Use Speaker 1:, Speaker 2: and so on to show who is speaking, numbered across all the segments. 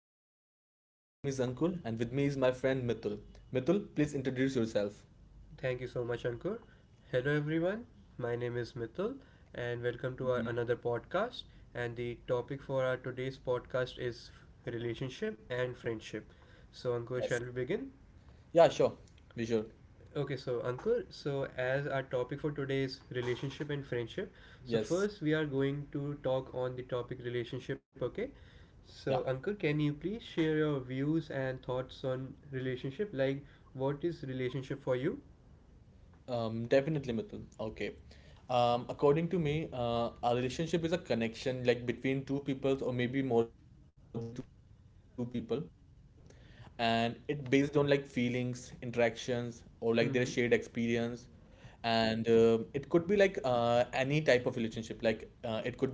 Speaker 1: podcast and my name is Ankul and with me is my friend Mithul. Mithul, please introduce yourself.
Speaker 2: Thank you so much, Ankur. Hello, everyone. My name is Mithul, and welcome to our another podcast. And the topic for our today's podcast is relationship and friendship. So, Ankur, shall
Speaker 1: Yes.
Speaker 2: we begin?
Speaker 1: Yeah, sure. We should.
Speaker 2: Okay, so Ankur, so as our topic for today is relationship and friendship. So
Speaker 1: Yes.
Speaker 2: first, we are going to talk on the topic relationship. Okay,
Speaker 1: Yeah.
Speaker 2: so Ankur, can you please share your views and thoughts on relationship? Like, what is relationship for you?
Speaker 1: Definitely, Mithun. Okay. According to me, a relationship is a connection like between two people or maybe more than two people, and it based on like feelings, interactions, or like their shared experience,
Speaker 2: Mm-hmm.
Speaker 1: and it could be like any type of relationship. Like it could be a romantic relationship,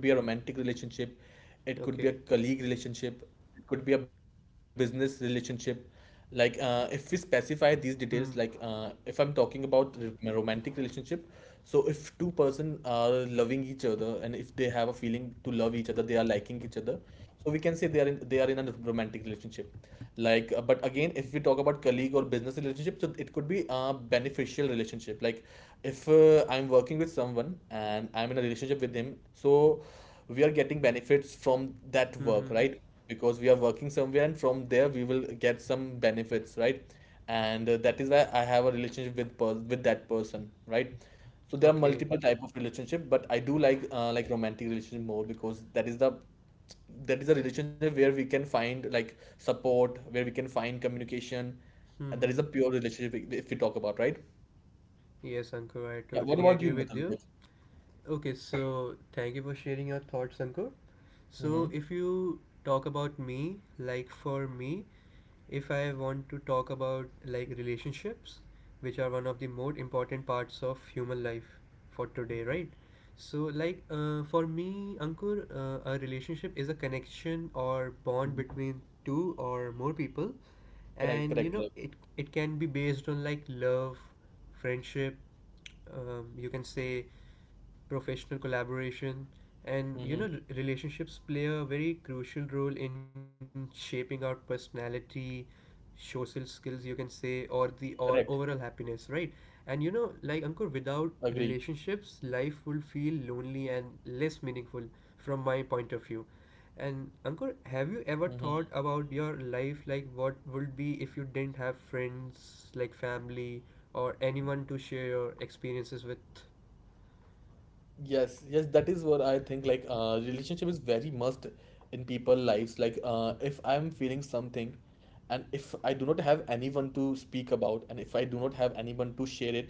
Speaker 1: it could be a colleague relationship,
Speaker 2: Okay.
Speaker 1: it could be a business relationship like if we specify these details like if I'm talking
Speaker 2: Hmm.
Speaker 1: about my romantic relationship, so if two-person are loving each other and if they have a feeling to love each other, they are liking each other, so we can say they are in a romantic relationship. Like but again, if we talk about colleague or business relationship, so it could be a beneficial relationship, like if I'm working with someone and I'm in a relationship with him, so we are getting benefits from that work,
Speaker 2: Mm-hmm.
Speaker 1: right? Because we are working somewhere and from there we will get some benefits, right? And that is why I have a relationship with with that person, right? So there are
Speaker 2: Okay.
Speaker 1: multiple type of relationship, but I do like romantic relationship more, because that is the, that is a relationship where we can find like support, where we can find communication, and that is a
Speaker 2: Mm-hmm.
Speaker 1: pure relationship, if we talk about, right?
Speaker 2: Yes, Ankur, I
Speaker 1: Yeah, what
Speaker 2: totally
Speaker 1: about you,
Speaker 2: agree with
Speaker 1: Mithun?
Speaker 2: you.
Speaker 1: Like,
Speaker 2: Okay, so thank you for sharing your thoughts, Ankur. So,
Speaker 1: mm-hmm.
Speaker 2: if you talk about me, like for me, if I want to talk about like relationships, which are one of the most important parts of human life for today, right? So, like for me, Ankur, a relationship is a connection or bond between two or more people,
Speaker 1: Correct,
Speaker 2: and
Speaker 1: correct,
Speaker 2: you know
Speaker 1: correct.
Speaker 2: it can be based on like love, friendship. You can say professional collaboration, and you know
Speaker 1: Mm-hmm.
Speaker 2: relationships play a very crucial role in shaping our personality, social skills you can
Speaker 1: Correct.
Speaker 2: say, or the or overall happiness, right? And you know, like
Speaker 1: Agree.
Speaker 2: Ankur, without relationships life will feel lonely and less meaningful from my point of view. And Ankur, have you ever thought about your life, like what would be if you didn't have friends, like family or anyone to share your experiences with?
Speaker 1: Yes, yes, that is what I think. Like, relationship is very must in people lives. Like, if I'm feeling something, and if I do not have anyone to speak about, and if I do not have anyone to share it,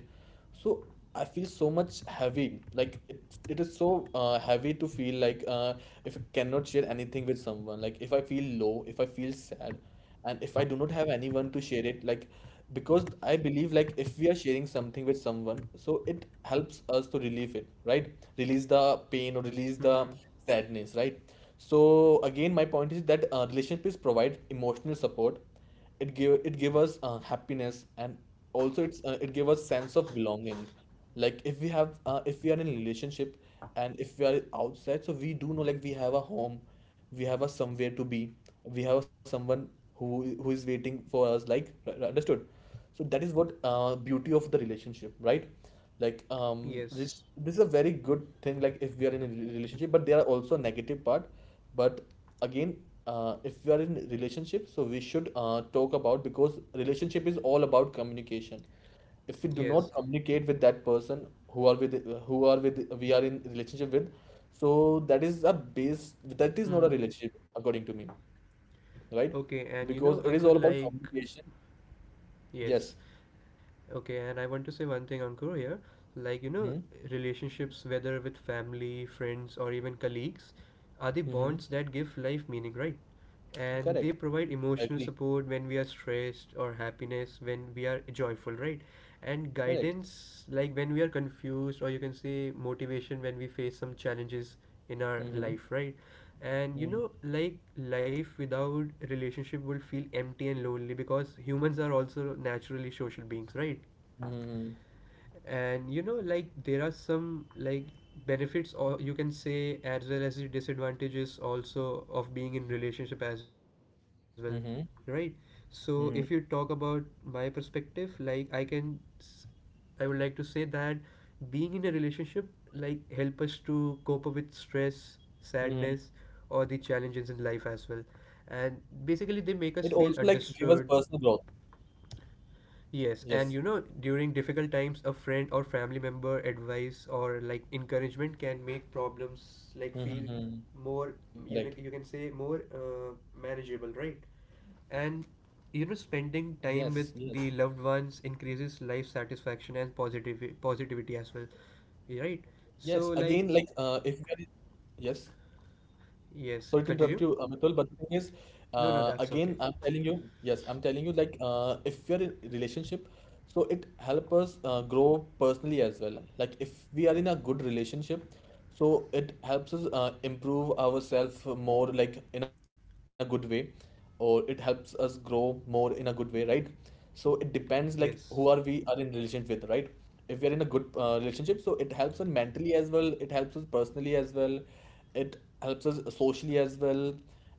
Speaker 1: so I feel so much heavy. Like, it is so heavy to feel like if I cannot share anything with someone. Like, if I feel low, if I feel sad, and if I do not have anyone to share it, like because I believe like if we are sharing something with someone, so it helps us to relieve it, right? Release the pain or release the
Speaker 2: Mm-hmm.
Speaker 1: sadness, right? So again, my point is that relationship is provide emotional support, it give us happiness, and also it's it give us sense of belonging. Like if we have if we are in a relationship and if we are outside, so we do know like we have a home, we have a somewhere to be, we have someone who who is waiting for us, like understood. So that is what beauty of the relationship, right? Like um,
Speaker 2: Yes,
Speaker 1: this is a very good thing, like if we are in a relationship, but there are also negative part. But again, if we are in relationship, so we should talk about, because relationship is all about communication. If we do
Speaker 2: yes.
Speaker 1: not communicate with that person who are with, we are in relationship with, so that is a base, that is
Speaker 2: Hmm.
Speaker 1: not a relationship according to me, right?
Speaker 2: Okay, and you know
Speaker 1: Because it
Speaker 2: Ankur,
Speaker 1: is all about
Speaker 2: like
Speaker 1: communication.
Speaker 2: yes.
Speaker 1: Yes.
Speaker 2: Okay, and I want to say one thing, Ankur, here. Like, you know, relationships, whether with family, friends, or even colleagues, are the bonds that
Speaker 1: Hmm.
Speaker 2: give life meaning, right? And they provide
Speaker 1: Correct.
Speaker 2: emotional support
Speaker 1: Agree.
Speaker 2: when we are stressed, or happiness when we are joyful, right? And
Speaker 1: Correct.
Speaker 2: guidance, like when we are confused, or you can say motivation when we face some challenges in our life, right?
Speaker 1: Mm-hmm.
Speaker 2: And you know, like
Speaker 1: Mm-hmm.
Speaker 2: life without relationship will feel empty and lonely because humans are also naturally social beings, right?
Speaker 1: Mm-hmm.
Speaker 2: And you know, like there are some like benefits or you can say as well as the disadvantages also of being in relationship as well, right? So if you talk about my
Speaker 1: Mm-hmm.
Speaker 2: perspective, like I I would like to say that being in a relationship like help us to cope up with stress, sadness,
Speaker 1: Mm-hmm.
Speaker 2: or the challenges in life as well, and
Speaker 1: It
Speaker 2: basically they
Speaker 1: also
Speaker 2: make
Speaker 1: like
Speaker 2: us
Speaker 1: give us
Speaker 2: feel
Speaker 1: personal growth.
Speaker 2: understood. Yes,
Speaker 1: Yes.
Speaker 2: and you know, during difficult times, a friend or family member advice or like encouragement can make problems like feel
Speaker 1: Mm-hmm.
Speaker 2: more, you know, you
Speaker 1: Correct.
Speaker 2: can say more manageable, right? And
Speaker 1: Yes. Yes.
Speaker 2: you know, spending time with the loved ones increases life satisfaction and positive positivity as well,
Speaker 1: Yes.
Speaker 2: right?
Speaker 1: Again, like
Speaker 2: So like,
Speaker 1: if we are yes. Sorry to
Speaker 2: yes,
Speaker 1: interrupt you,
Speaker 2: continue.
Speaker 1: Mitul, but the thing is,
Speaker 2: No, no,
Speaker 1: again,
Speaker 2: that's
Speaker 1: I'm
Speaker 2: okay.
Speaker 1: telling you, yes, I'm telling you, like, if you're in relationship, so it help us grow personally as well. Like, if we are in a good relationship, so it helps us improve ourselves more, like, in a good way, or it helps us grow more in a good way, right? So it depends, like, who are
Speaker 2: Yes.
Speaker 1: we are in relationship with, right? If we are in a good relationship, so it helps us mentally as well, it helps us personally as well, it helps us socially as well,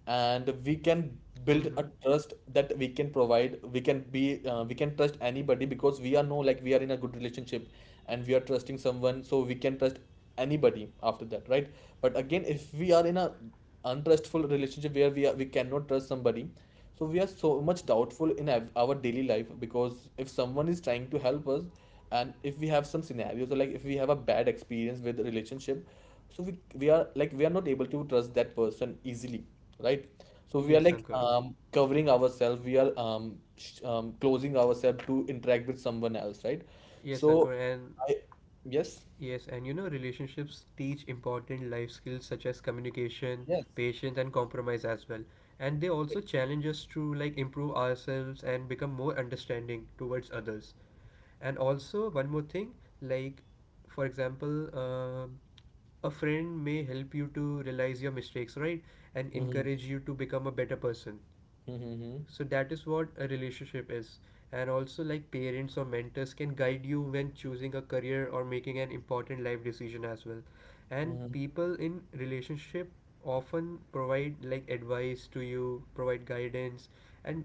Speaker 1: and we can build
Speaker 2: Mm-hmm.
Speaker 1: a trust that we can provide, we can be we can trust anybody, because we are know like we are in a good relationship and we are trusting someone, so we can trust anybody after that, right? But again, if we are in a untrustful relationship where we are, we cannot trust somebody, so we are so much doubtful in our daily life, because if someone is trying to help us and if we have some scenarios or like if we have a bad experience with a relationship, so we are like we are not able to trust that person easily, right? So we are
Speaker 2: Yes,
Speaker 1: like
Speaker 2: Ankur.
Speaker 1: covering ourselves, we are closing ourselves to interact with someone else, right?
Speaker 2: Yes,
Speaker 1: So
Speaker 2: Ankur, and
Speaker 1: I, yes,
Speaker 2: Yes, and you know, relationships teach important life skills such as communication,
Speaker 1: yes,
Speaker 2: patience, and compromise as well. And they also
Speaker 1: correct.
Speaker 2: challenge us to like improve ourselves and become more understanding towards others. And also, one more thing, like for example, a friend may help you to realize your mistakes, right? And
Speaker 1: Hmm.
Speaker 2: encourage you to become a better person.
Speaker 1: Hmm.
Speaker 2: So that is what a relationship is. And also, like parents or mentors can guide you when choosing a career or making an important life decision as well. And
Speaker 1: Hmm.
Speaker 2: people in relationship often provide like advice to you, provide guidance, and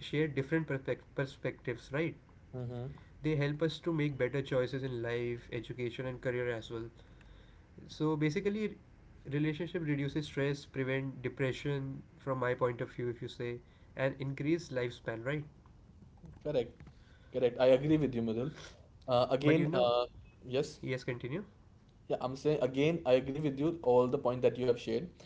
Speaker 2: share different perspectives, right?
Speaker 1: Hmm.
Speaker 2: They help us to make better choices in life, education and career as well. So basically, relationship reduces stress, prevent depression from my point of view if you say, and increase lifespan, right?
Speaker 1: Correct. Correct. I agree with you, Madhul.
Speaker 2: But
Speaker 1: Again
Speaker 2: you know,
Speaker 1: yes.
Speaker 2: yes, continue.
Speaker 1: Yeah, I'm saying again, I agree with you all the point that you have shared.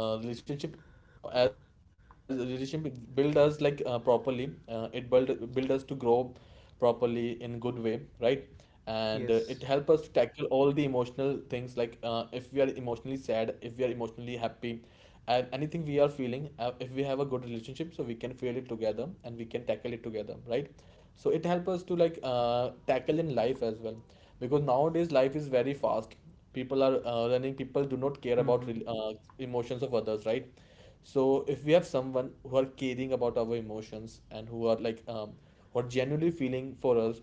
Speaker 1: Relationship as relationship build us like properly. Uh, it build us to grow properly in good way, right? And it help us to tackle
Speaker 2: Yes.
Speaker 1: all the emotional things like if we are emotionally sad, if we are emotionally happy, and anything we are feeling. If we have a good relationship, so we can feel it together and we can tackle it together, right? So it help us to like tackle in life as well, because nowadays life is very fast, people are running, people do not care about
Speaker 2: Mm-hmm.
Speaker 1: emotions of others, right? So if we have someone who are caring about our emotions and who are like who are genuinely feeling for us,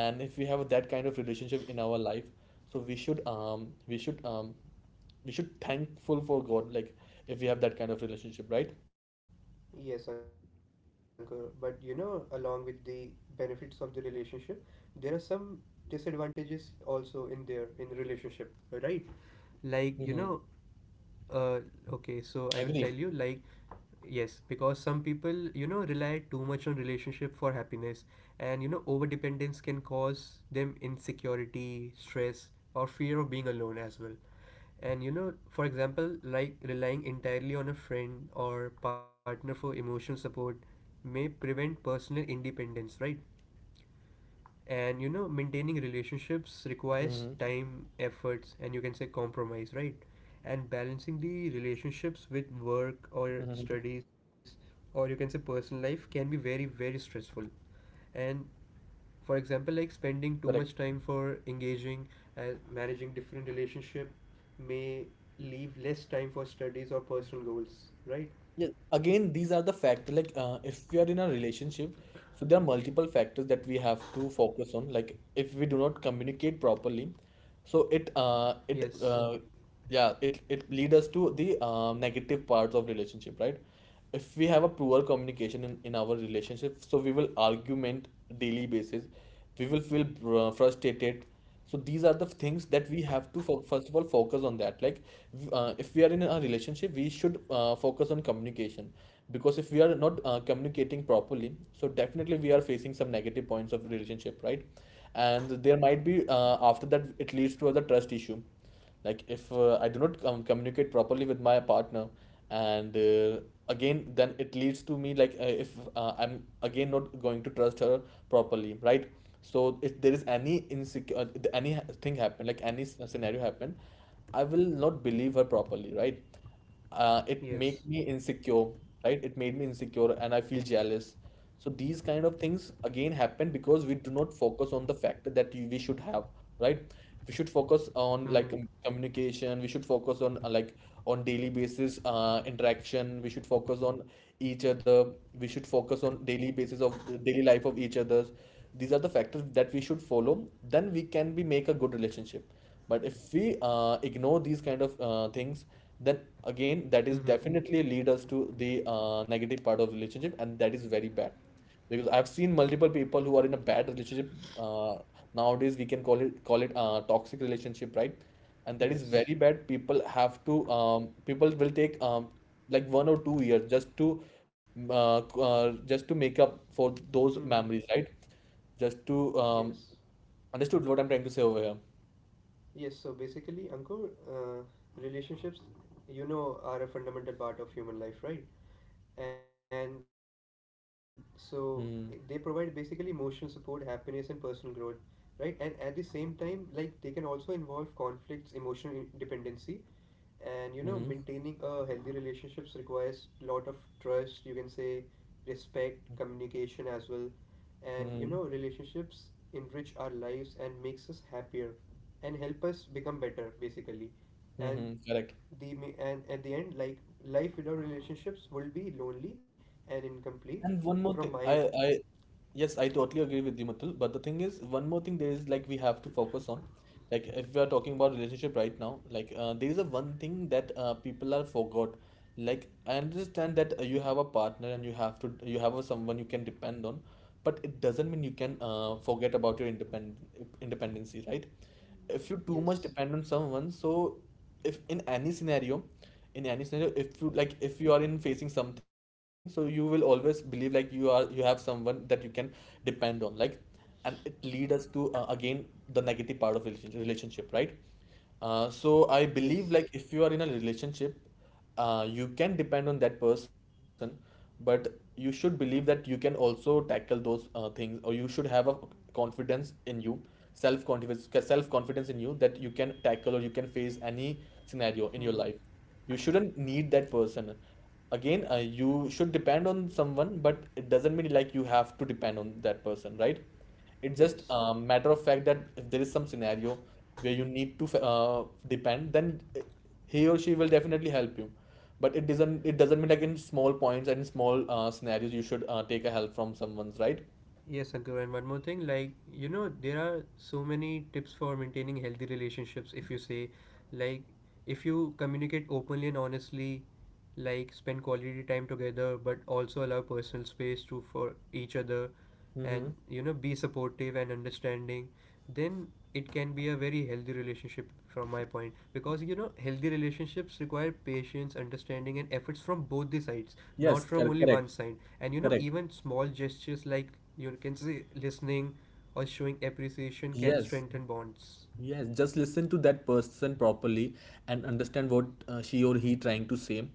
Speaker 1: and if we have that kind of relationship in our life, so we should thankful for god, like if we have that kind of relationship, right?
Speaker 2: Yes, uncle. But you know, along with the benefits of the relationship, there are some disadvantages also in there in relationship, right? Like, you
Speaker 1: Mm-hmm.
Speaker 2: know, uh, okay, so I will
Speaker 1: Agree.
Speaker 2: tell you, like, yes, because some people, you know, rely too much on relationship for happiness, and you know, over dependence can cause them insecurity, stress, or
Speaker 1: Hmm.
Speaker 2: fear of being alone as well. And you
Speaker 1: Correct.
Speaker 2: know, for example, like relying entirely on a friend or partner for emotional support may prevent personal independence, right?
Speaker 1: Mm-hmm.
Speaker 2: And you know, maintaining relationships requires time, efforts, and you can say compromise, right? And balancing
Speaker 1: Mm-hmm.
Speaker 2: the relationships with work or studies, or you can say personal life, can be very, very stressful. And
Speaker 1: Correct.
Speaker 2: for example, like spending too much time for engaging and managing different relationship may leave less time for studies or personal goals,
Speaker 1: Yeah,
Speaker 2: right?
Speaker 1: again, these are the factors. Like, if we are in a relationship, so there are multiple factors that we have to focus on. Like, if we do not communicate properly, so
Speaker 2: Yes.
Speaker 1: yeah, it lead us to the negative parts of relationship, right? If we have a poor communication in our relationship, so we will argument daily basis. We will feel frustrated. So these are the things that we have to fo first of all focus on that. Like if we are in a relationship, we should focus on communication, because if we are not communicating properly, so definitely we are facing some negative points of relationship, right? And there might be after that it leads to other trust issue, like if I do not communicate properly with my partner, and again then it leads to me like if I'm again not going to trust her properly, right? So if there is any insecure any thing happen, like any scenario happen, I will not believe her properly, right? Uh, it made me
Speaker 2: Yes.
Speaker 1: insecure, right? It made me insecure and I feel jealous. So these kind of things again happen because we do not focus on the factor that you, we should have, right? We should focus on like
Speaker 2: Mm-hmm.
Speaker 1: communication. We should focus on like on daily basis interaction. We should focus on each other. We should focus on daily basis of the daily life of each other's. These are the factors that we should follow. Then we can be make a good relationship. But if we ignore these kind of things, then again that is
Speaker 2: Mm-hmm.
Speaker 1: definitely lead us to the negative part of relationship, and that is very bad, because I've seen multiple people who are in a bad relationship. Uh, nowadays we can call it toxic relationship, right? And that is very
Speaker 2: Yes.
Speaker 1: bad. People have to people will take like 1 or 2 years just to just to make up for those
Speaker 2: Mm-hmm.
Speaker 1: memories, right? Just to
Speaker 2: Yes.
Speaker 1: understood what I'm trying to say over here.
Speaker 2: Yes, so basically Ankur, uh, relationships, you know, are a fundamental part of human life, right?
Speaker 1: Mm-hmm.
Speaker 2: And so they provide basically emotional support, happiness and personal growth, right? And at the same time, like they can also involve conflicts, emotional dependency. And you know, maintaining a
Speaker 1: Mm-hmm.
Speaker 2: healthy relationships requires lot of trust you can say, respect, communication as well. And you know, relationships enrich our lives and makes us happier and help us become better basically. And
Speaker 1: Mm-hmm. Correct.
Speaker 2: and at the end, like life without relationships will be lonely and incomplete
Speaker 1: And one more
Speaker 2: from
Speaker 1: thing,
Speaker 2: my
Speaker 1: yes, I totally agree with you, Matul. But the thing is, one more thing there is like we have to focus on, like if we are talking about relationship right now, like there is a one thing that people are forgot. Like I understand that you have a partner and you have a, someone you can depend on, but it doesn't mean you can forget about your independent independency, right? If you too much
Speaker 2: yes.
Speaker 1: depend on someone, so if in any scenario if you like if you are in facing something, so you will always believe like you have someone that you can depend on, like, and it lead us to again the negative part of relationship, right. uh,
Speaker 2: Yes.
Speaker 1: so I believe like if you are in a relationship, you can depend on that person, but you should believe that you can also tackle those things, or you should have a confidence in you. Self confidence in you, that you can tackle or you can face any scenario
Speaker 2: Hmm.
Speaker 1: in your life. You shouldn't need that person. Again, you should depend on someone, but it doesn't mean like you have to depend on that person, right? It's just
Speaker 2: Yes.
Speaker 1: a matter of fact that if there is some scenario where you need to depend, then he or she will definitely help you. But it doesn't mean like in small points and small scenarios you should take a help from someone's, right?
Speaker 2: Yes, uncle, and one more thing, like you know, there are so many tips for maintaining healthy relationships if you say, like if you communicate openly and honestly, like spend quality time together but also allow personal space to for each other,
Speaker 1: Mm-hmm.
Speaker 2: and you know, be supportive and understanding, then it can be a very healthy relationship from my point, because you know, healthy relationships require patience, understanding and efforts from both the sides, not
Speaker 1: Yes,
Speaker 2: from
Speaker 1: correct,
Speaker 2: only one
Speaker 1: correct,
Speaker 2: side. And you know,
Speaker 1: correct.
Speaker 2: even small gestures like you can say listening or showing appreciation can
Speaker 1: Yes.
Speaker 2: strengthen bonds.
Speaker 1: Yes, just listen to that person properly and understand what she or he trying to say.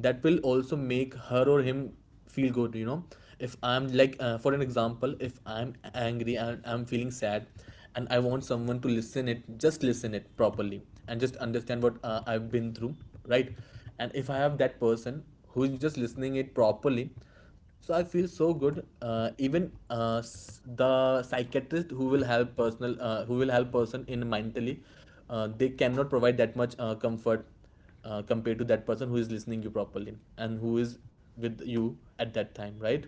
Speaker 1: That will also make her or him feel good. If I'm like for an example, if I'm angry and I'm feeling sad, and I want someone to listen it, just listen it properly and just understand what I've been through, right? And if I have that person who's just listening it properly, so I feel so good. Even the psychiatrist who will help personal who will help person in mentally, they cannot provide that much comfort, compared to that person who is listening you properly and who is with you at that time, right?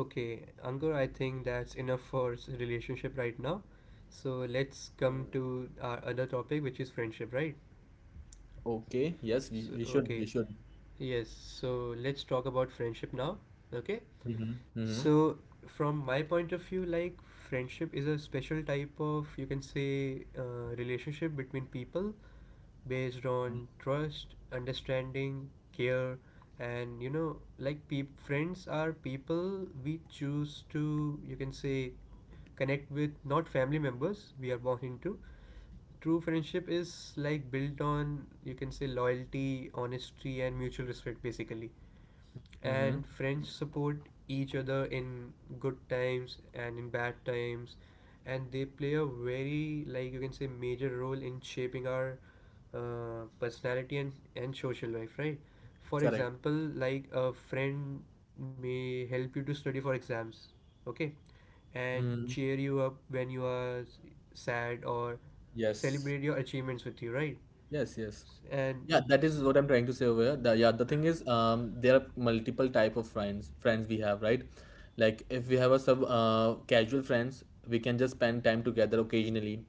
Speaker 2: Okay, Ankur, I think that's enough for relationship right now. So let's come to our other topic, which is friendship, right?
Speaker 1: Okay. Yes, we,
Speaker 2: So
Speaker 1: we should we
Speaker 2: okay,
Speaker 1: should
Speaker 2: yes, so let's talk about friendship now. Okay.
Speaker 1: Mm-hmm. Mm-hmm.
Speaker 2: So, from my point of view, like friendship is a special type of, you can say, relationship between people based on trust, understanding, care, and you know, like friends are people we choose to, you can say, connect with, not family members we are born into. True friendship is like built on, you can say, loyalty, honesty, and mutual respect, basically.
Speaker 1: Mm-hmm.
Speaker 2: And friends support each other in good times and in bad times, and they play a very like you can say major role in shaping our personality and social life, right? For
Speaker 1: Correct.
Speaker 2: example, like a friend may help you to study for exams, okay, and
Speaker 1: Mm.
Speaker 2: cheer you up when you are sad, or
Speaker 1: Yes.
Speaker 2: celebrate your achievements with you, right?
Speaker 1: Yes, yes.
Speaker 2: S- and
Speaker 1: Yeah, that is
Speaker 2: s-
Speaker 1: what I'm trying to say over here. Yeah, the thing is, there are multiple type of friends we have, right? Like if we have a sub casual friends, we can just spend time together occasionally,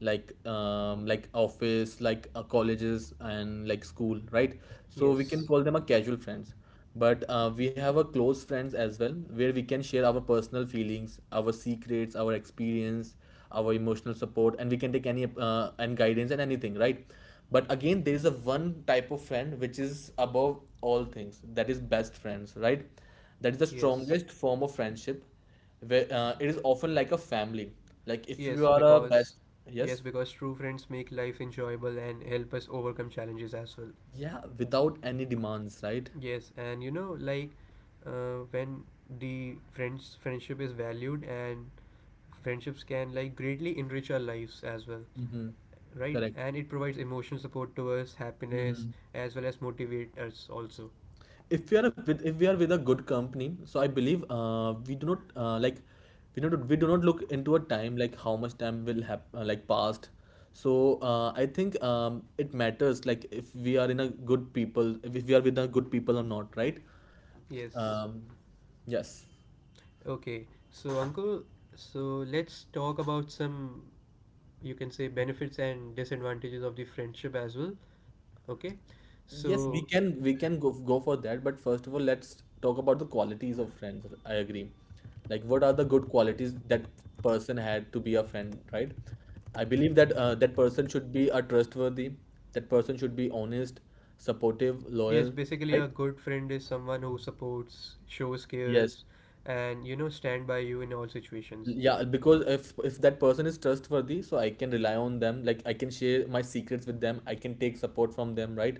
Speaker 1: like office, like colleges and like school, right? So we can
Speaker 2: yes,
Speaker 1: call them a casual friends. But we have a close friends as well, where we can share our personal feelings, our secrets, our experience, our emotional support, and we can take any and guidance and anything, right? But again, there is a one type of friend which is above all things, that is best friends, right? That is the
Speaker 2: yes.
Speaker 1: strongest form of friendship, where it is often like a family, like if you
Speaker 2: Yes,
Speaker 1: are a
Speaker 2: because
Speaker 1: best.
Speaker 2: yes,
Speaker 1: Yes.
Speaker 2: because true friends make life enjoyable and help us overcome challenges as well.
Speaker 1: Yeah, without any demands, right?
Speaker 2: Yes, and you know, like when the friends friendship is valued and friendships can like greatly enrich our lives as well,
Speaker 1: Mm-hmm.
Speaker 2: right? And it provides emotional support to us,
Speaker 1: Correct.
Speaker 2: happiness, as well as motivate us also.
Speaker 1: If we are a, with if we are with a good company, so I believe we do not like we do not look into a time like how much time will have like passed. So I think it matters like if we are in a good people, if we are with a good people or not, right?
Speaker 2: Yes.
Speaker 1: um, yes.
Speaker 2: Okay. So, uncle, so let's talk about some, you can say, benefits and disadvantages of the friendship as well. Okay.
Speaker 1: Yes, we
Speaker 2: So,
Speaker 1: can go for that, but first of all, let's talk about the qualities of friends. I agree. Like, what are the good qualities that person had to be a friend, right? I believe that that person should be a trustworthy. That person should be honest, supportive,
Speaker 2: yes,
Speaker 1: loyal,
Speaker 2: basically,
Speaker 1: right?
Speaker 2: a good friend is someone who supports, shows
Speaker 1: Yes.
Speaker 2: cares, and you know, stand by you in all situations.
Speaker 1: Yeah, because if that person is trustworthy, so I can rely on them. Like I can share my secrets with them. I can take support from them, right?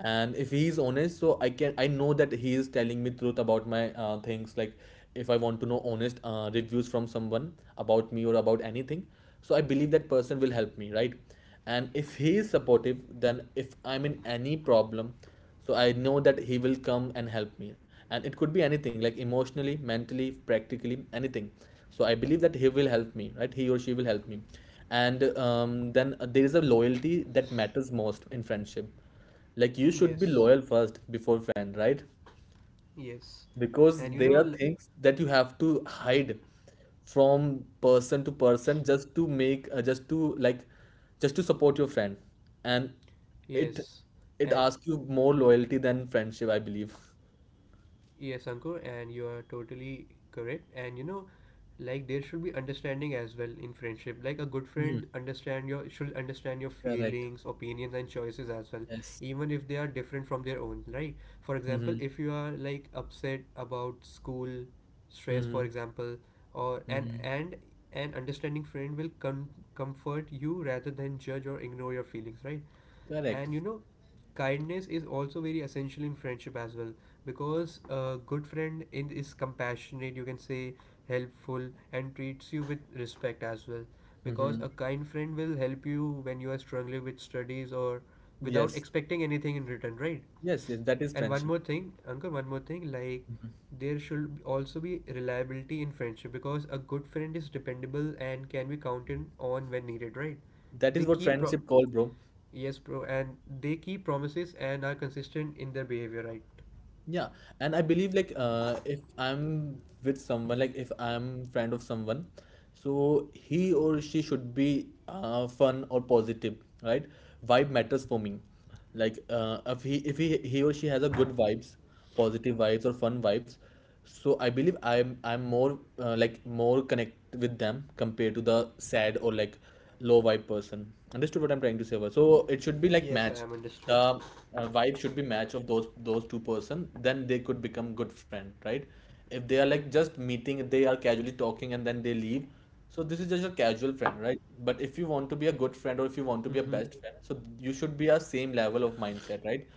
Speaker 1: And if he is honest, so I know that he is telling me truth about my things. Like if I want to know honest reviews from someone about me or about anything, so I believe that person will help me, right? And if he is supportive, then if I'm in any problem, so I know that he will come and help me, and it could be anything like emotionally, mentally, practically anything. So I believe that he will help me, right? He or she will help me. And then there is a loyalty that matters most in friendship, like you should be
Speaker 2: Yes.
Speaker 1: loyal first before friend, right?
Speaker 2: Yes.
Speaker 1: Because
Speaker 2: And you
Speaker 1: there
Speaker 2: know,
Speaker 1: are things that you have to hide from person to person, just to make just to like just to support your friend. And it
Speaker 2: yes. And
Speaker 1: it asks you more loyalty than friendship, I believe.
Speaker 2: Yes, Ankur, and you are totally correct. And you know, like there should be understanding as well in friendship. Like a good
Speaker 1: Hmm.
Speaker 2: friend understand your should understand your
Speaker 1: Correct.
Speaker 2: feelings, opinions, and choices as well,
Speaker 1: Yes.
Speaker 2: even if they are different from their own. Right? For
Speaker 1: Mm-hmm.
Speaker 2: example, if you are like upset about school stress,
Speaker 1: Mm-hmm.
Speaker 2: for example, or
Speaker 1: Mm-hmm.
Speaker 2: and an understanding friend will comfort you rather than judge or ignore your feelings, right?
Speaker 1: Correct.
Speaker 2: And you know, kindness is also very essential in friendship as well, because a good friend is compassionate, you can say, helpful, and treats you with respect as well. Because
Speaker 1: Mm-hmm.
Speaker 2: a kind friend will help you when you are struggling with studies or without
Speaker 1: Yes.
Speaker 2: expecting anything in return, right?
Speaker 1: Yes, yes, that is
Speaker 2: And one
Speaker 1: friendship.
Speaker 2: more thing, uncle, one more thing, like there should also be reliability in friendship, because a good friend is dependable and can be counted on when needed, right?
Speaker 1: That is
Speaker 2: They
Speaker 1: what
Speaker 2: keep pro-
Speaker 1: friendship called, bro.
Speaker 2: Yes, bro, and they keep promises and are consistent in their behavior, right?
Speaker 1: Yeah, and I believe like if I'm with someone, like if I'm friend of someone, so he or she should be fun or positive, right? Vibe matters for me. Like if he he or she has a good vibes, positive vibes or fun vibes, so I believe I'm more like more connect with them compared to the sad or like low vibe person. Understood what I'm trying to say over. So it should be like
Speaker 2: Yes, I
Speaker 1: match
Speaker 2: am
Speaker 1: the
Speaker 2: understood.
Speaker 1: vibe should be match of those two person, then they could become good friend, right? If they are like just meeting, if they are casually talking and then they leave, so this is just a casual friend, right? But if you want to be a good friend or if you want to be a
Speaker 2: Mm-hmm.
Speaker 1: best friend, so you should be a same level of mindset, right?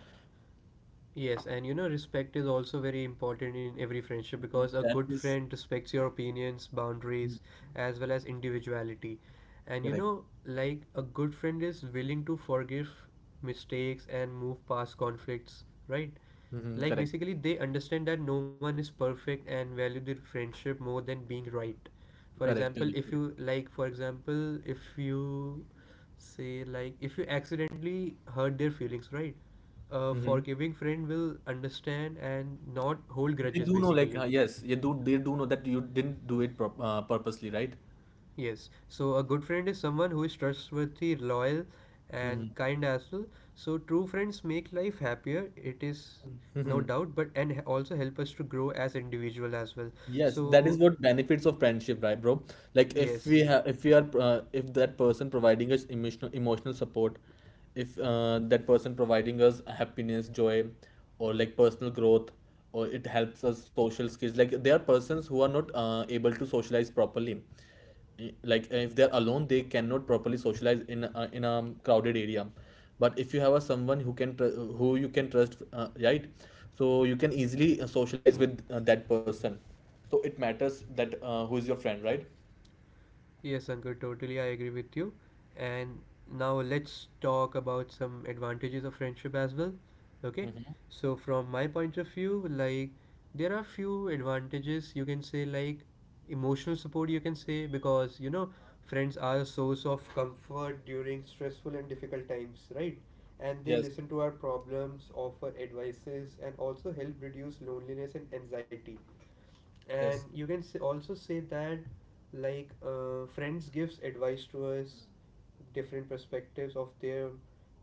Speaker 2: Yes, and you know, respect is also very important in every friendship, because a
Speaker 1: That
Speaker 2: good
Speaker 1: is
Speaker 2: friend respects your opinions, boundaries, as well as individuality. And you
Speaker 1: correct.
Speaker 2: know, like a good friend is willing to forgive mistakes and move past conflicts, right?
Speaker 1: Mm-hmm,
Speaker 2: Like
Speaker 1: correct,
Speaker 2: basically they understand that no one is perfect and value their friendship more than being right.
Speaker 1: correct, correct, correct.
Speaker 2: For example, if you say like, if you accidentally hurt their feelings, right, a
Speaker 1: Mm-hmm.
Speaker 2: forgiving friend will understand and not hold
Speaker 1: They
Speaker 2: grudges
Speaker 1: do know, like,
Speaker 2: basically.
Speaker 1: yes, you do, they do know that you didn't do it prop purposely, right?
Speaker 2: Yes, so a good friend is someone who is trustworthy, loyal,
Speaker 1: Mm-hmm.
Speaker 2: and kind as well. So true friends make life happier. It is no
Speaker 1: Mm-hmm.
Speaker 2: doubt, but also help us to grow as individual as well.
Speaker 1: Yes, that is
Speaker 2: So
Speaker 1: what benefits of friendship, right, bro? Like, if we
Speaker 2: yes.
Speaker 1: have, if we are, if that person providing us emotional support, if that person providing us happiness, joy, or like personal growth, or it helps us social skills. Like, there are persons who are not able to socialize properly. Like if they're alone they cannot properly socialize in a crowded area. But if you have a someone who can who you can trust, right? So you can easily socialize with that person. So it matters that who is your friend, right?
Speaker 2: Yes, Ankur, totally I agree with you. And now let's talk about some advantages of friendship as well. Okay? So from my point of view, like there are few advantages you can say, like emotional support, you can say, because you know friends are a source of comfort during stressful and difficult times, right? And they
Speaker 1: Yes.
Speaker 2: listen to our problems, offer advices and also help reduce loneliness and anxiety,
Speaker 1: Yes,
Speaker 2: and you can say, also say that like friends gives advice to us, different perspectives of their,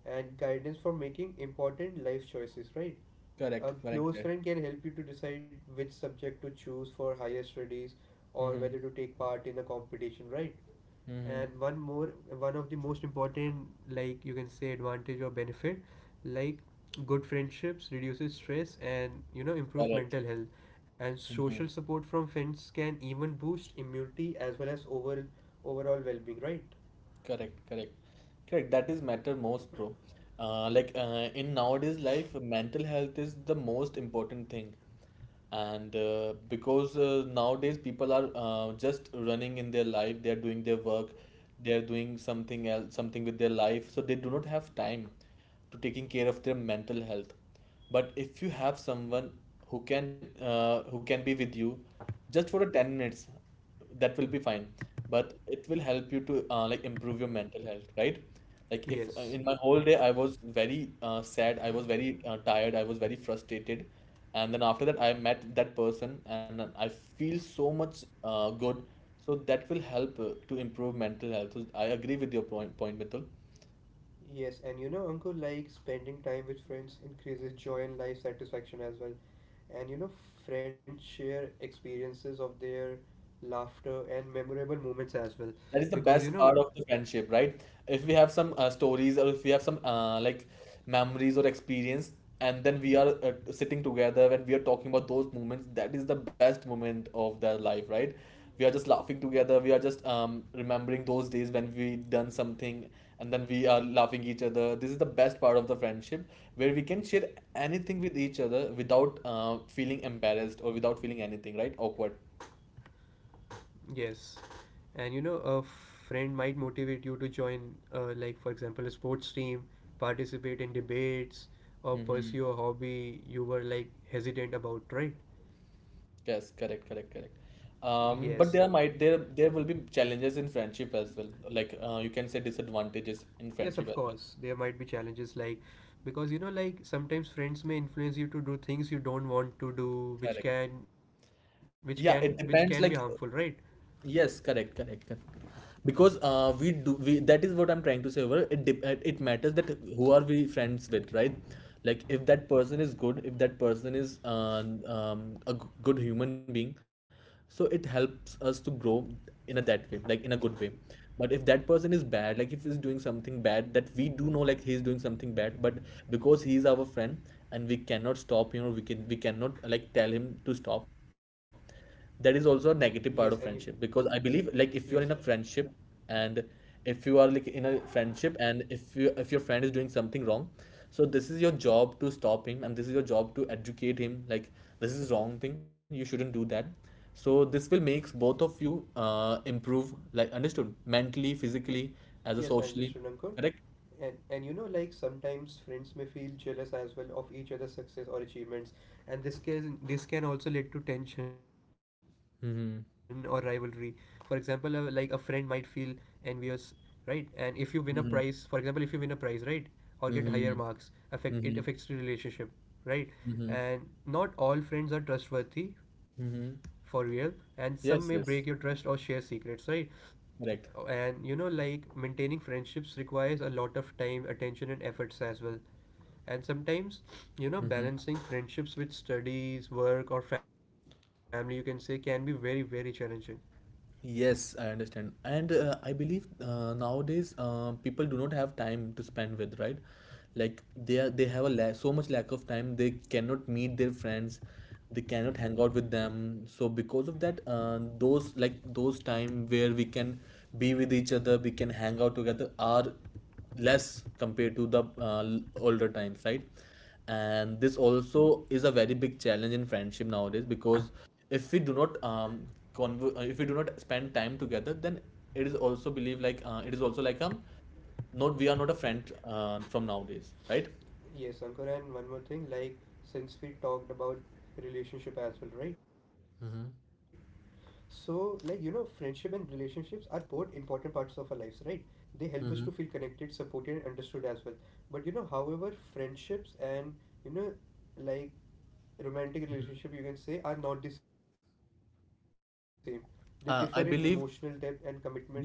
Speaker 2: and guidance for making important life choices, right?
Speaker 1: correct,
Speaker 2: A
Speaker 1: correct,
Speaker 2: close
Speaker 1: correct.
Speaker 2: friend can help you to decide which subject to choose for higher studies or
Speaker 1: Mm-hmm.
Speaker 2: whether to take part in a competition, right?
Speaker 1: Mm-hmm.
Speaker 2: And one more, one of the most important, like you can say advantage or benefit, like good friendships reduces stress and you know improve
Speaker 1: Correct.
Speaker 2: mental health, and social
Speaker 1: Mm-hmm.
Speaker 2: support from friends can even boost immunity as well as overall well-being, right?
Speaker 1: Correct, correct, correct. That is matter most, bro. Like in nowadays life, mental health is the most important thing. And because nowadays people are just running in their life, they are doing their work, they are doing something else, something with their life, so they do not have time to taking care of their mental health. But if you have someone who can be with you just for a 10 minutes, that will be fine. But it will help you to like improve your mental health, right? Like if in
Speaker 2: Yes,
Speaker 1: my whole day I was very sad, I was very tired, I was very frustrated, and then after that I met that person, and then I feel so much good. So that will help to improve mental health. So I agree with your point, Mitul.
Speaker 2: yes, and you know, uncle, like spending time with friends increases joy and life satisfaction as well. And you know friends share experiences of their laughter and memorable moments as well,
Speaker 1: That is the
Speaker 2: because you
Speaker 1: best
Speaker 2: know.
Speaker 1: part of the friendship, right? If we have some stories or if we have some like memories or experience, and then we are sitting together and we are talking about those moments, that is the best moment of their life, right? We are just laughing together. We are just remembering those days when we done something, and then we are laughing each other. This is the best part of the friendship, where we can share anything with each other without feeling embarrassed or without feeling anything, right? Awkward.
Speaker 2: Yes. And you know, a friend might motivate you to join, like, for example, a sports team, participate in debates, or
Speaker 1: Mhm.
Speaker 2: pursue a hobby you were like hesitant about, right?
Speaker 1: Yes, correct, correct, correct.
Speaker 2: Yes.
Speaker 1: But there might there there will be challenges in friendship as well. Like you can say disadvantages in
Speaker 2: Yes, of
Speaker 1: friendship as
Speaker 2: course. There might be challenges, like, because you know, like, sometimes friends may influence you to do things you don't want to do,
Speaker 1: well.
Speaker 2: which
Speaker 1: Correct.
Speaker 2: can, which can, which
Speaker 1: Yeah,
Speaker 2: can be
Speaker 1: it
Speaker 2: harmful,
Speaker 1: depends.
Speaker 2: right?
Speaker 1: Like. Yes, correct, correct, correct. Because we do we that is what I'm trying to say. Over it dep- it matters that who are we friends with, right? Like if that person is good, if that person is a good human being, so it helps us to grow in a that way, like in a good way. But if that person is bad, like if he's doing something bad that we do know, like he's doing something bad, but because he's our friend and we cannot stop him or we can we cannot like tell him to stop. That is
Speaker 2: Yes, and
Speaker 1: also a
Speaker 2: you,
Speaker 1: negative part of friendship because I
Speaker 2: yes.
Speaker 1: believe like if you are in a friendship and if you are like in a friendship and if you if your friend is doing something wrong, so this is your job to stop him and this is your job to educate him. Like this is wrong thing, you shouldn't do that. So this will makes both of you improve, like understood mentally, physically
Speaker 2: Yes, I
Speaker 1: as a
Speaker 2: understood, Ankur.
Speaker 1: socially. Correct.
Speaker 2: And you know, like sometimes friends may feel jealous as well of each other's success or achievements, and this can also lead to tension or rivalry. For example, like a friend might feel envious, right? And if you win a prize,
Speaker 1: Mm-hmm.
Speaker 2: for example, if you win a prize, right, or get higher marks,
Speaker 1: Mm-hmm.
Speaker 2: affect it
Speaker 1: Mm-hmm.
Speaker 2: affects your relationship, right?
Speaker 1: Mm-hmm.
Speaker 2: And not all friends are trustworthy for
Speaker 1: Mm-hmm.
Speaker 2: real, and some may break your
Speaker 1: Yes, yes,
Speaker 2: trust or share secrets, right?
Speaker 1: correct.
Speaker 2: And you know, like maintaining friendships requires a lot of time, attention and efforts as well. And sometimes, you know,
Speaker 1: Mm-hmm.
Speaker 2: balancing friendships with studies, work or family, you can say, can be very very challenging.
Speaker 1: Yes, I understand. And I believe nowadays people do not have time to spend with, right? Like they have a la so much lack of time. They cannot meet their friends. They cannot hang out with them. So because of that, those like those time where we can be with each other, we can hang out together are less compared to the older times, right? And this also is a very big challenge in friendship nowadays because if we do not conver- if we do not spend time together, then it is also believed like it is also like not we are not a friend from nowadays, right?
Speaker 2: Yes, Ankur, and one more thing, like since we talked about relationship as well, right? So, like, you know, friendship and relationships are both important parts of our lives, right? They help us to feel
Speaker 1: Hmm.
Speaker 2: connected, supported, and understood as well. But, you know, however, friendships and, you know, like romantic relationship, you can say, are not the same. They differ in emotional depth
Speaker 1: I
Speaker 2: and
Speaker 1: believe,
Speaker 2: commitment and expectation, right?
Speaker 1: yes.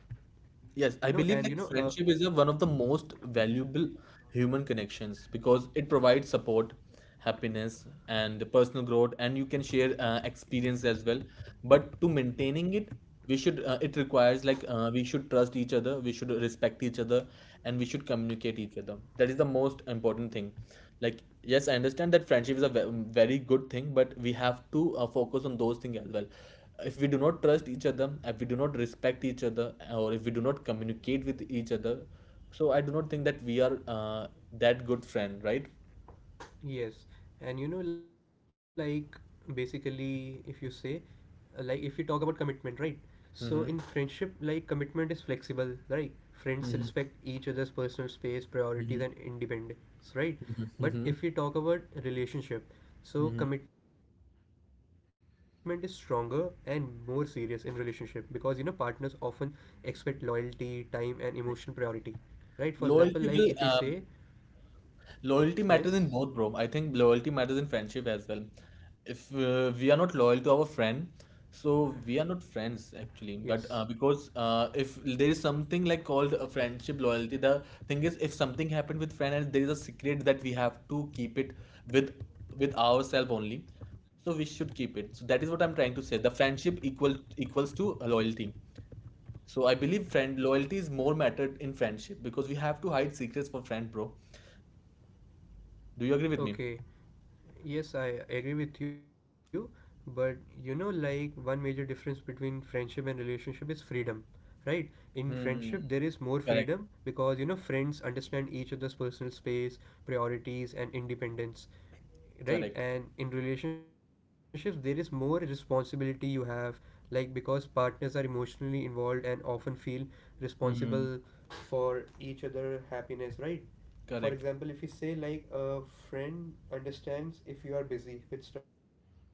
Speaker 2: You know, and, you know,
Speaker 1: Yes, I
Speaker 2: uh,
Speaker 1: believe like friendship is a, one of the most valuable human connections because it provides support, happiness, and personal growth, and you can share experience as well. But to maintaining it, we should it requires like we should trust each other, we should respect each other, and we should communicate each other. That is the most important thing. Like yes, I understand that friendship is a ve- very good thing, but we have to focus on those things as well. If we do not trust each other, if we do not respect each other, or if we do not communicate with each other, so I do not think that we are that good friend, right?
Speaker 2: Yes, and you know, like basically, if you say, like, if you talk about commitment, right? So in
Speaker 1: Mm-hmm.
Speaker 2: friendship, like, commitment is flexible, right? Friends respect each other's personal space, priorities,
Speaker 1: Mm-hmm.
Speaker 2: and independence, right?
Speaker 1: Mm-hmm.
Speaker 2: But
Speaker 1: Mm-hmm.
Speaker 2: if we talk about relationship, so
Speaker 1: Mm-hmm.
Speaker 2: commitment is stronger and more serious in relationship, because you know partners often expect loyalty, time, and emotional priority, right? For example, like if we
Speaker 1: Loyalty
Speaker 2: say,
Speaker 1: will
Speaker 2: yes,
Speaker 1: Loyalty matters in both, bro. I think loyalty matters in friendship as well. If we are not loyal to our friend, so
Speaker 2: yes,
Speaker 1: we are not friends actually. But because if there is something like called a friendship loyalty, the thing is, if something happened with friend and there is a secret that we have to keep it with ourselves only, so we should keep it. So that is what I'm trying to say. The friendship equals to loyalty. So I believe friend loyalty is more mattered in friendship because we have to hide secrets for friend, bro. Do you
Speaker 2: okay.
Speaker 1: agree with me?
Speaker 2: Yes, I agree with you, but you know, like one major difference between friendship and relationship is freedom, right? In friendship, there is more
Speaker 1: Hmm.
Speaker 2: freedom
Speaker 1: Correct.
Speaker 2: because you know, friends understand each other's personal space, priorities, and independence, right?
Speaker 1: Correct.
Speaker 2: And in relationships, there is more responsibility you have, like because partners are emotionally involved and often feel responsible
Speaker 1: Hmm.
Speaker 2: for each other happiness, right? For example,
Speaker 1: Correct.
Speaker 2: if you say like a friend understands if you are busy with studies or family, right?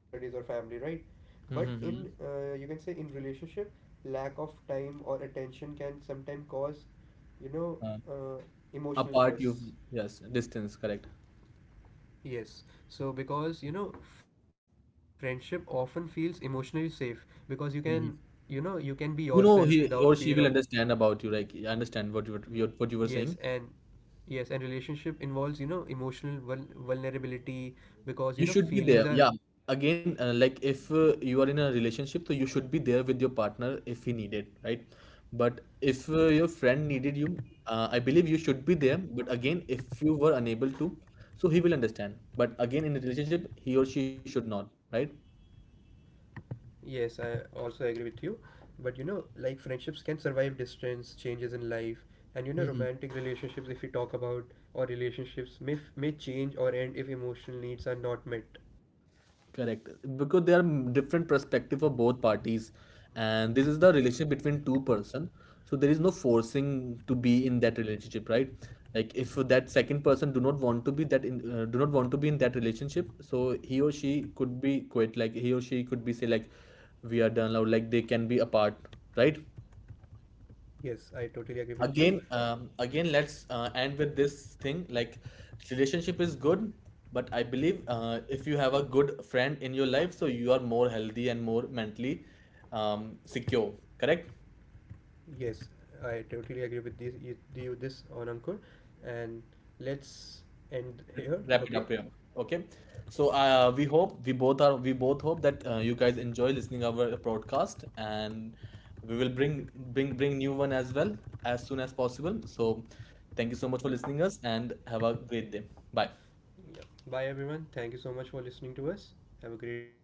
Speaker 2: But in you can say
Speaker 1: Hmm.
Speaker 2: in relationship, lack of time or attention can sometimes cause, you know, uh,
Speaker 1: Uh,
Speaker 2: emotional stress.
Speaker 1: apart, you yes, distance. Correct.
Speaker 2: Yes. So because you know friendship often feels emotionally safe because you can, you know, you
Speaker 1: Hmm.
Speaker 2: can be yourself without
Speaker 1: You
Speaker 2: fear
Speaker 1: know,
Speaker 2: of.
Speaker 1: he or she will understand about you. Like, I understand what you were,
Speaker 2: Yes,
Speaker 1: your- what you were
Speaker 2: and
Speaker 1: saying.
Speaker 2: yes, and relationship involves, you know, emotional vulnerability because, you know,
Speaker 1: You should be
Speaker 2: feelings
Speaker 1: there.
Speaker 2: are.
Speaker 1: Yeah. Again, like if you are in a relationship, so you should be there with your partner if he needed, right? But if your friend needed you, I believe you should be there. But again, if you were unable to, so he will understand. But again, in a relationship, he or she should not, right?
Speaker 2: Yes, I also agree with you. But, you know, like friendships can survive distance, changes in life, and, you know, romantic relationships, if you talk about, or relationships may, may change or end if emotional needs are not met.
Speaker 1: Correct. Because there are different perspective for both parties, and this is the relationship between two person. So there is no forcing to be in that relationship, right? Like if that second person do not want to be that in do not want to be in that relationship, so he or she could be quit. Like he or she could be say like, we are done now. Like they can be apart, right?
Speaker 2: Yes, I totally agree with you.
Speaker 1: Again, again let's end with this thing like relationship is good, but I believe if you have a good friend in your life, so you are more healthy and more mentally secure. Correct.
Speaker 2: Yes, I totally agree with this, you this on Ankur. And let's end here,
Speaker 1: Wrap it
Speaker 2: okay?
Speaker 1: up here. Okay. So we hope we both hope that you guys enjoy listening our broadcast, and we will bring bring new one as well as soon as possible. So thank you so much for listening us and have a great day. Bye.
Speaker 2: Yeah. Bye, everyone. Thank you so much for listening to us. Have a great day.